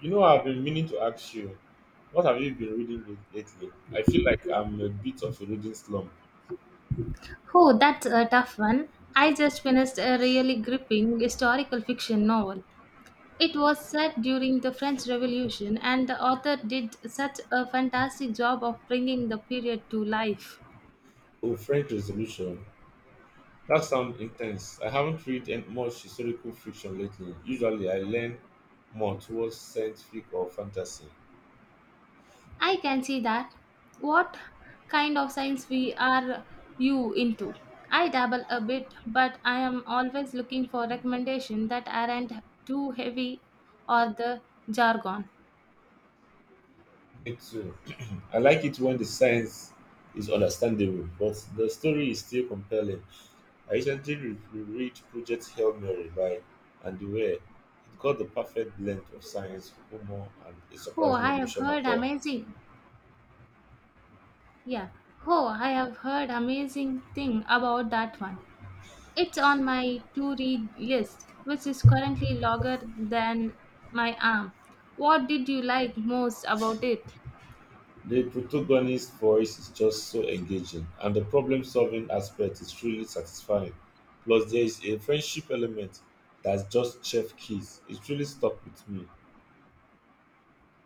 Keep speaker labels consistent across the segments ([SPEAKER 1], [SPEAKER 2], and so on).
[SPEAKER 1] You know, I've been meaning to ask you, what have you been reading lately? I feel like I'm a bit of a reading slump.
[SPEAKER 2] Oh, that's a tough one. I just finished a really gripping historical fiction novel. It was set during the French Revolution, and the author did such a fantastic job of bringing the period to life.
[SPEAKER 1] Oh, French Resolution. That sounds intense. I haven't read much historical fiction lately. Usually, I lean more towards science fiction or fantasy.
[SPEAKER 2] I can see that. What kind of science we are you into? I dabble a bit, but I am always looking for recommendations that aren't too heavy or the jargon.
[SPEAKER 1] Me too. I like it when the science is understandable, but the story is still compelling. I recently reread Project Hail Mary by Andy Weir. It got the perfect blend of science, humor, and a
[SPEAKER 2] Oh,
[SPEAKER 1] surprisingly
[SPEAKER 2] I have
[SPEAKER 1] emotional
[SPEAKER 2] heard
[SPEAKER 1] core.
[SPEAKER 2] amazing. Yeah. Oh, I have heard amazing thing about that one. It's on my to-read list, which is currently longer than my arm. What did you like most about it?
[SPEAKER 1] The protagonist's voice is just so engaging, and the problem solving aspect is truly satisfying. Plus, there is a friendship element that's just chef kiss. It truly stuck with me.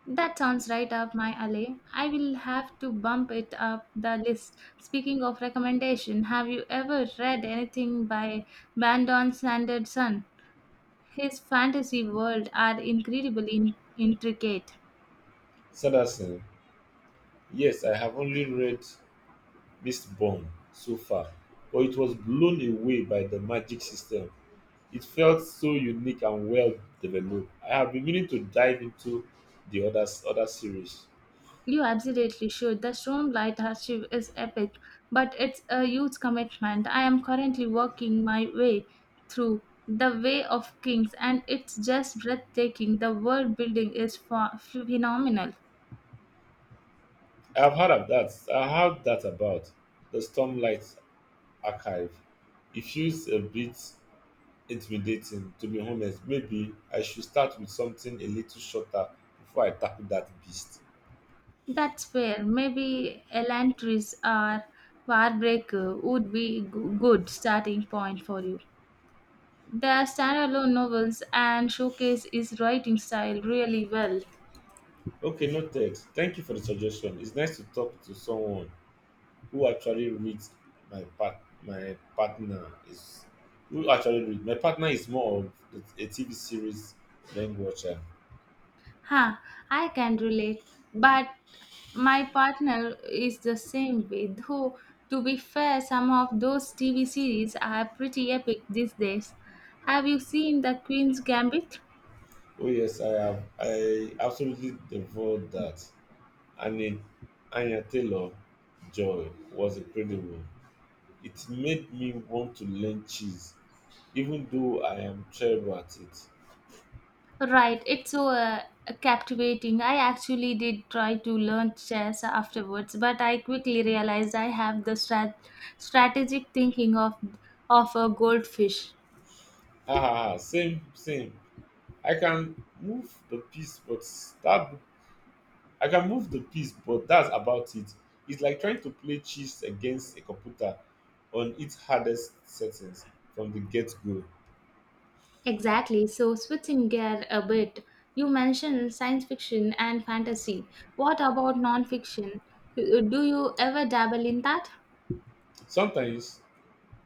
[SPEAKER 2] That sounds right up my alley. I will have to bump it up the list. Speaking of recommendation, have you ever read anything by Brandon Sanderson? His fantasy world are incredibly intricate.
[SPEAKER 1] Sanderson, yes, I have only read Mistborn so far, but it was blown away by the magic system. It felt so unique and well developed. I have been meaning to dive into the other series.
[SPEAKER 2] You absolutely should. The Stone Light Archive is epic, but it's a huge commitment. I am currently working my way through The Way of Kings, and it's just breathtaking. The world building is phenomenal.
[SPEAKER 1] I have heard of that. I have that about the Stormlight Archive. It feels a bit intimidating, to be honest. Maybe I should start with something a little shorter before I tackle that beast.
[SPEAKER 2] That's fair. Maybe Elantris or Warbreaker would be good starting point for you. The standalone novels and showcase his writing style really well.
[SPEAKER 1] Okay, noted. Thank you for the suggestion. It's nice to talk to someone who actually reads my part my partner is who actually read my partner is more of a TV series than watcher.
[SPEAKER 2] Huh, I can relate, but my partner is the same way. Though, to be fair, some of those TV series are pretty epic these days. Have you seen The Queen's Gambit?
[SPEAKER 1] Oh yes, I absolutely devoured that. And Anya Taylor Joy was incredible. It made me want to learn cheese, even though I am terrible at it.
[SPEAKER 2] Right, it's so captivating. I actually did try to learn chess afterwards, but I quickly realized I have the strategic thinking of a goldfish.
[SPEAKER 1] Ha ha ha! Same, same. I can move the piece, but that I can move the piece, but that's about it. It's like trying to play chess against a computer on its hardest settings from the get go.
[SPEAKER 2] Exactly. So, switching gear a bit, you mentioned science fiction and fantasy. What about non-fiction? Do you ever dabble in that?
[SPEAKER 1] Sometimes,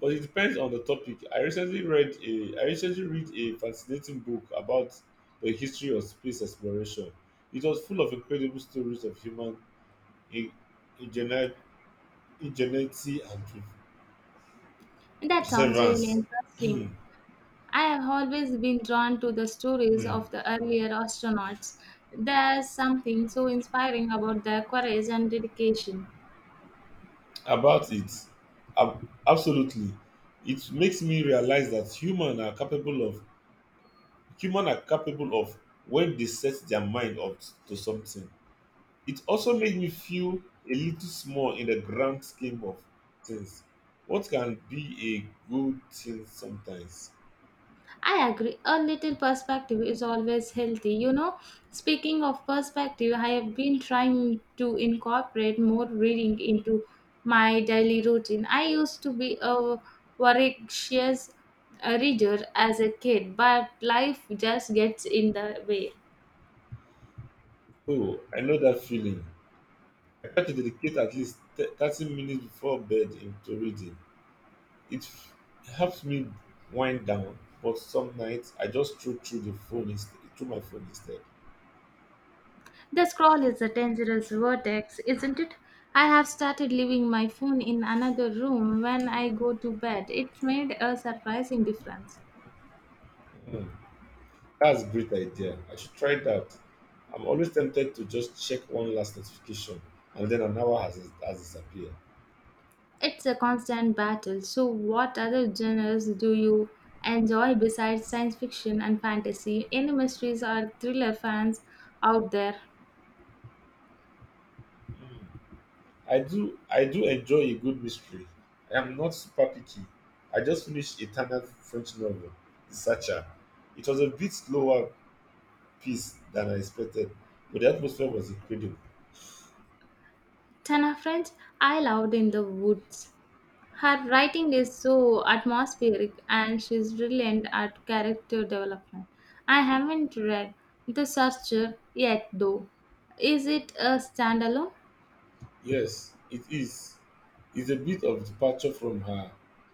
[SPEAKER 1] but it depends on the topic. I recently read a fascinating book about the history of space exploration. It was full of incredible stories of human in- ingenu- ingenuity and
[SPEAKER 2] That sounds really
[SPEAKER 1] perseverance.
[SPEAKER 2] interesting. I have always been drawn to the stories
[SPEAKER 1] Hmm.
[SPEAKER 2] of the earlier astronauts. There's something so inspiring about their courage and dedication.
[SPEAKER 1] About it. Absolutely. It makes me realize that human are capable of when they set their mind up to something. It also made me feel a little small in the grand scheme of things. What can be a good thing sometimes?
[SPEAKER 2] I agree. A little perspective is always healthy. You know, speaking of perspective, I have been trying to incorporate more reading into my daily routine. I used to be a voracious reader as a kid, but life just gets in the way.
[SPEAKER 1] Oh, I know that feeling. I try to dedicate at least 30 minutes before bed into reading. It helps me wind down, but some nights I just throw through the phone instead, through my phone instead.
[SPEAKER 2] The scroll is a dangerous vortex, isn't it? I have started leaving my phone in another room when I go to bed. It made a surprising difference.
[SPEAKER 1] Hmm, that's a great idea. I should try that. I'm always tempted to just check one last notification, and then an hour has disappeared.
[SPEAKER 2] It's a constant battle. So, what other genres do you enjoy besides science fiction and fantasy? Any mysteries or thriller fans out there?
[SPEAKER 1] Hmm. I do enjoy a good mystery. I am not super picky. I just finished a Italian French novel, The Searcher. It was a bit slower piece than I expected, but the atmosphere was incredible.
[SPEAKER 2] Tana French, I loved in the woods. Her writing is so atmospheric and she's brilliant at character development. I haven't read The Searcher yet, though. Is it a standalone?
[SPEAKER 1] Yes, it is. It's a bit of departure from her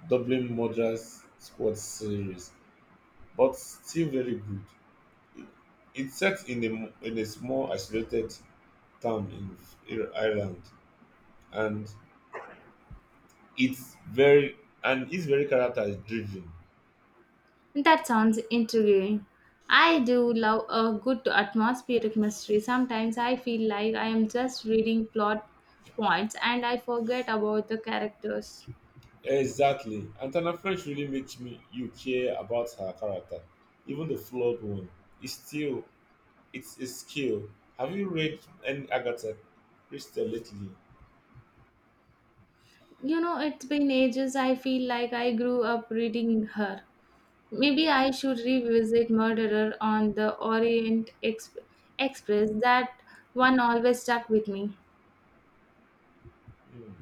[SPEAKER 1] Dublin Murders Squad series, but still very good. It- It's set in in a small isolated town in Ireland, and it's very and it's very character driven.
[SPEAKER 2] That sounds intriguing. I do love a good atmospheric mystery. Sometimes I feel like I am just reading plot points and I forget about the characters.
[SPEAKER 1] Exactly, and Tana French really makes me you care about her character, even the flawed one. It's still it's a skill. Have you read any Agatha Christie lately?
[SPEAKER 2] You know, it's been ages I feel like I grew up reading her. Maybe I should revisit Murderer on the Orient Express. That one always stuck with me.
[SPEAKER 1] Mm.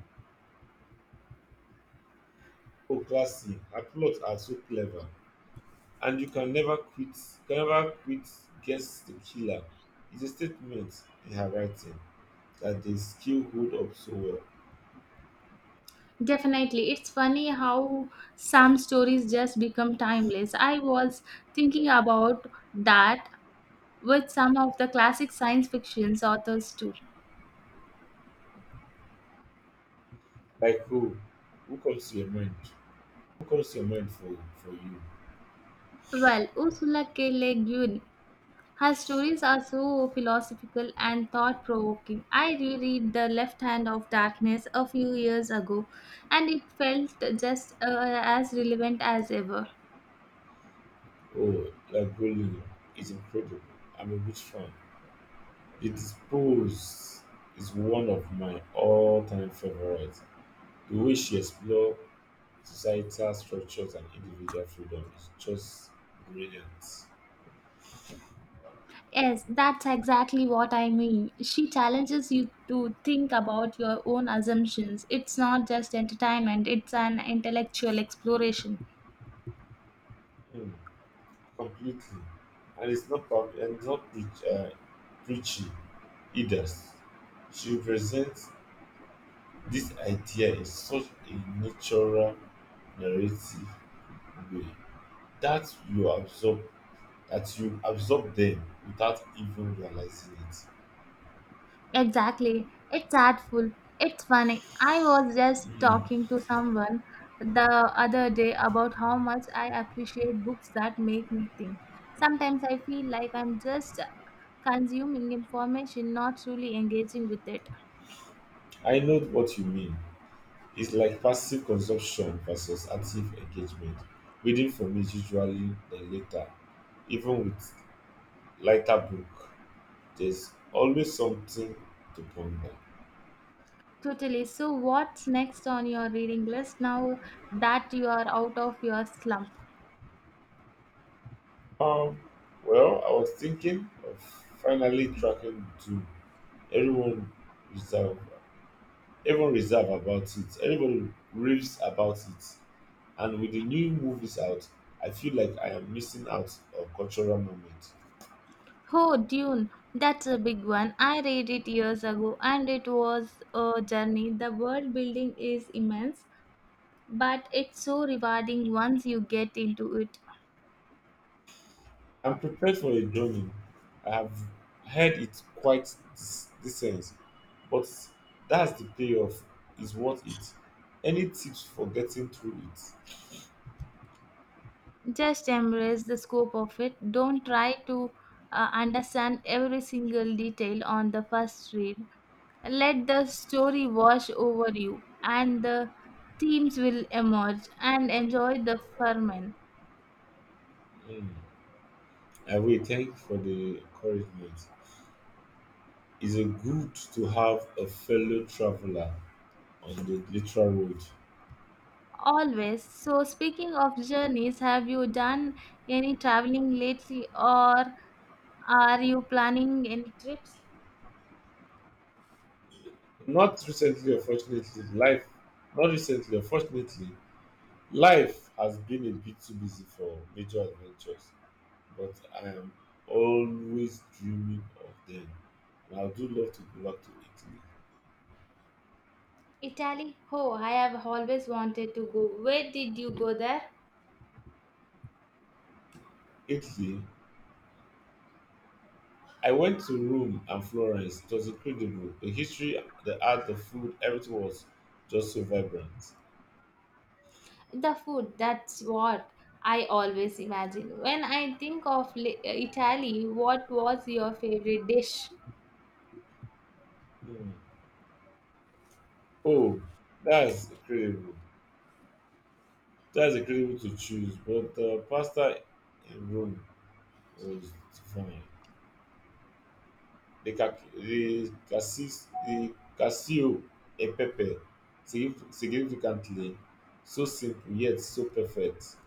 [SPEAKER 1] Oh, classy. Her plots are so clever. And you can never quit, guess the killer. It's a statement in her writing that the skill hold up so well.
[SPEAKER 2] Definitely. It's funny how some stories just become timeless. I was thinking about that with some of the classic science fiction authors too.
[SPEAKER 1] Like who? Who comes to your mind? Who comes to your mind for you?
[SPEAKER 2] Well, Ursula K. Le Guin, her stories are so philosophical and thought provoking. I reread The Left Hand of Darkness a few years ago and it felt just as relevant as ever.
[SPEAKER 1] Oh, Lagolino is incredible. I'm a huge fan. The Dispose is one of my all-time favorites. The way she explores societal structures and individual freedom is just brilliant.
[SPEAKER 2] Yes, that's exactly what I mean. She challenges you to think about your own assumptions. It's not just entertainment, it's an intellectual exploration.
[SPEAKER 1] Mm, completely. And it's not preachy either. She presents this idea in such a natural narrative way. that you absorb that you absorb them without even realizing it.
[SPEAKER 2] Exactly. It's artful. It's funny. I was just
[SPEAKER 1] Hmm,
[SPEAKER 2] talking to someone the other day about how much I appreciate books that make me think. Sometimes I feel like I'm just consuming information, not truly engaging with it.
[SPEAKER 1] I know what you mean. It's like passive consumption versus active engagement. Reading for me is usually the latter. Even with lighter book, there's always something to ponder.
[SPEAKER 2] Totally. So, what's next on your reading list now that you are out of your slump?
[SPEAKER 1] Um, well, I was thinking of finally tracking to everyone reserve, everyone reserve about it. Everybody raves about it. And with the new movies out, I feel like I am missing out on cultural moments.
[SPEAKER 2] Oh, Dune. That's a big one. I read it years ago and it was a journey. The world building is immense, but it's so rewarding once you get into it.
[SPEAKER 1] I'm prepared for a drumming. I have heard it quite decent, but that's the payoff is worth it. Any tips for getting through it?
[SPEAKER 2] Just embrace the scope of it. Don't try to understand every single detail on the first read. Let the story wash over you, and the themes will emerge and enjoy the ferment.
[SPEAKER 1] Mm. I will thank you for the encouragement. It's a good to have a fellow traveler on the literal road.
[SPEAKER 2] Always. So, speaking of journeys, have you done any traveling lately or are you planning any trips?
[SPEAKER 1] Not recently, unfortunately, life. Not recently, unfortunately, life has been a bit too busy for major adventures, but I am always dreaming of them. And I do love to go back to Italy.
[SPEAKER 2] Italy? Oh, I have always wanted to go. Where did you go there?
[SPEAKER 1] Italy, I went to Rome and Florence. It was incredible. The history, the art, the food, everything was just so vibrant.
[SPEAKER 2] The food, that's what I always imagine. When I think of Italy, what was your favorite dish?
[SPEAKER 1] Hmm. Oh, that's incredible. that's incredible to choose, but pasta in Rome was divine. The, ca- the, cassis, The cassio and pepper significantly so simple yet so perfect.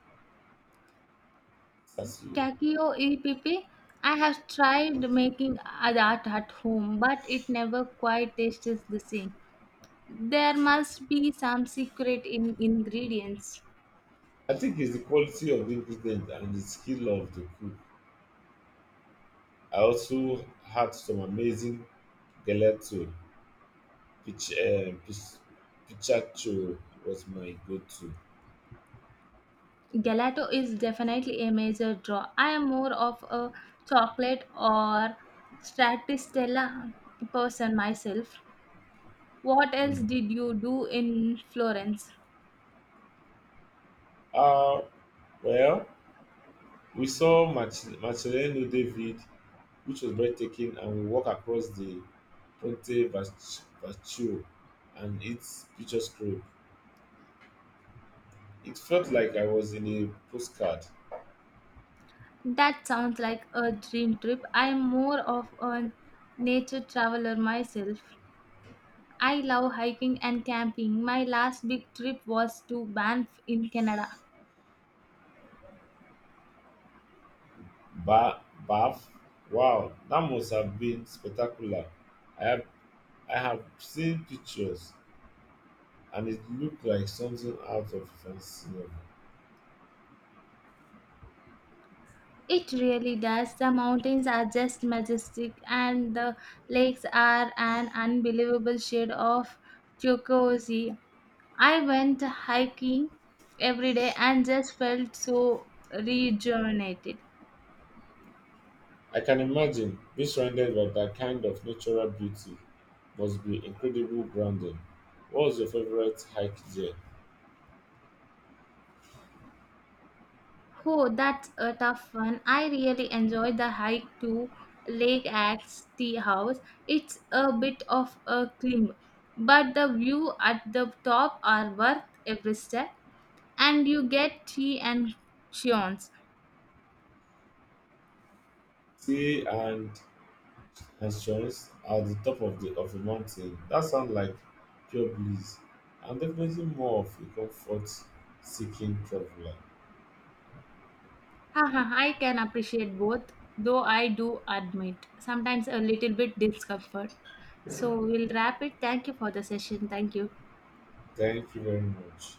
[SPEAKER 1] Cassio.
[SPEAKER 2] Cacio e pepe. I have tried making that at home, but it never quite tastes the same. There must be some secret in ingredients.
[SPEAKER 1] I think it's the quality of the ingredient and the skill of the cook. I also had some amazing gelato. Pich, uh, pich, picaccio was my go-to.
[SPEAKER 2] Gelato is definitely a major draw. I am more of a chocolate or stracciatella person myself. What else
[SPEAKER 1] Hmm.
[SPEAKER 2] did you do in Florence?
[SPEAKER 1] Uh, well, we saw Marcelino David, which was breathtaking, and we walked across the Ponte Vecchio and its picturesque group. It felt like I was in a postcard.
[SPEAKER 2] That sounds like a dream trip. I'm more of a nature traveler myself. I love hiking and camping. My last big trip was to Banff in Canada.
[SPEAKER 1] Ba- bath? Wow, that must have been spectacular. I have, I have seen pictures, and it looked like something out of a fancy novel.
[SPEAKER 2] It really does. The mountains are just majestic, and the lakes are an unbelievable shade of turquoise. I went hiking every day and just felt so rejuvenated.
[SPEAKER 1] I can imagine being surrounded by that kind of natural beauty must be incredible, grounding. What was your favorite hike there?
[SPEAKER 2] Oh, that's a tough one. I really enjoyed the hike to Lake Axe Tea House. It's a bit of a climb, but the view at the top are worth every step, and you get tea and chance.
[SPEAKER 1] Sea and assurance at the top of the of a mountain. That sounds like pure bliss. I'm definitely more of a comfort seeking traveler.
[SPEAKER 2] Haha, I can appreciate both, though I do admit sometimes a little bit discomfort. So we'll wrap it. Thank you for the session. Thank you.
[SPEAKER 1] Thank you very much.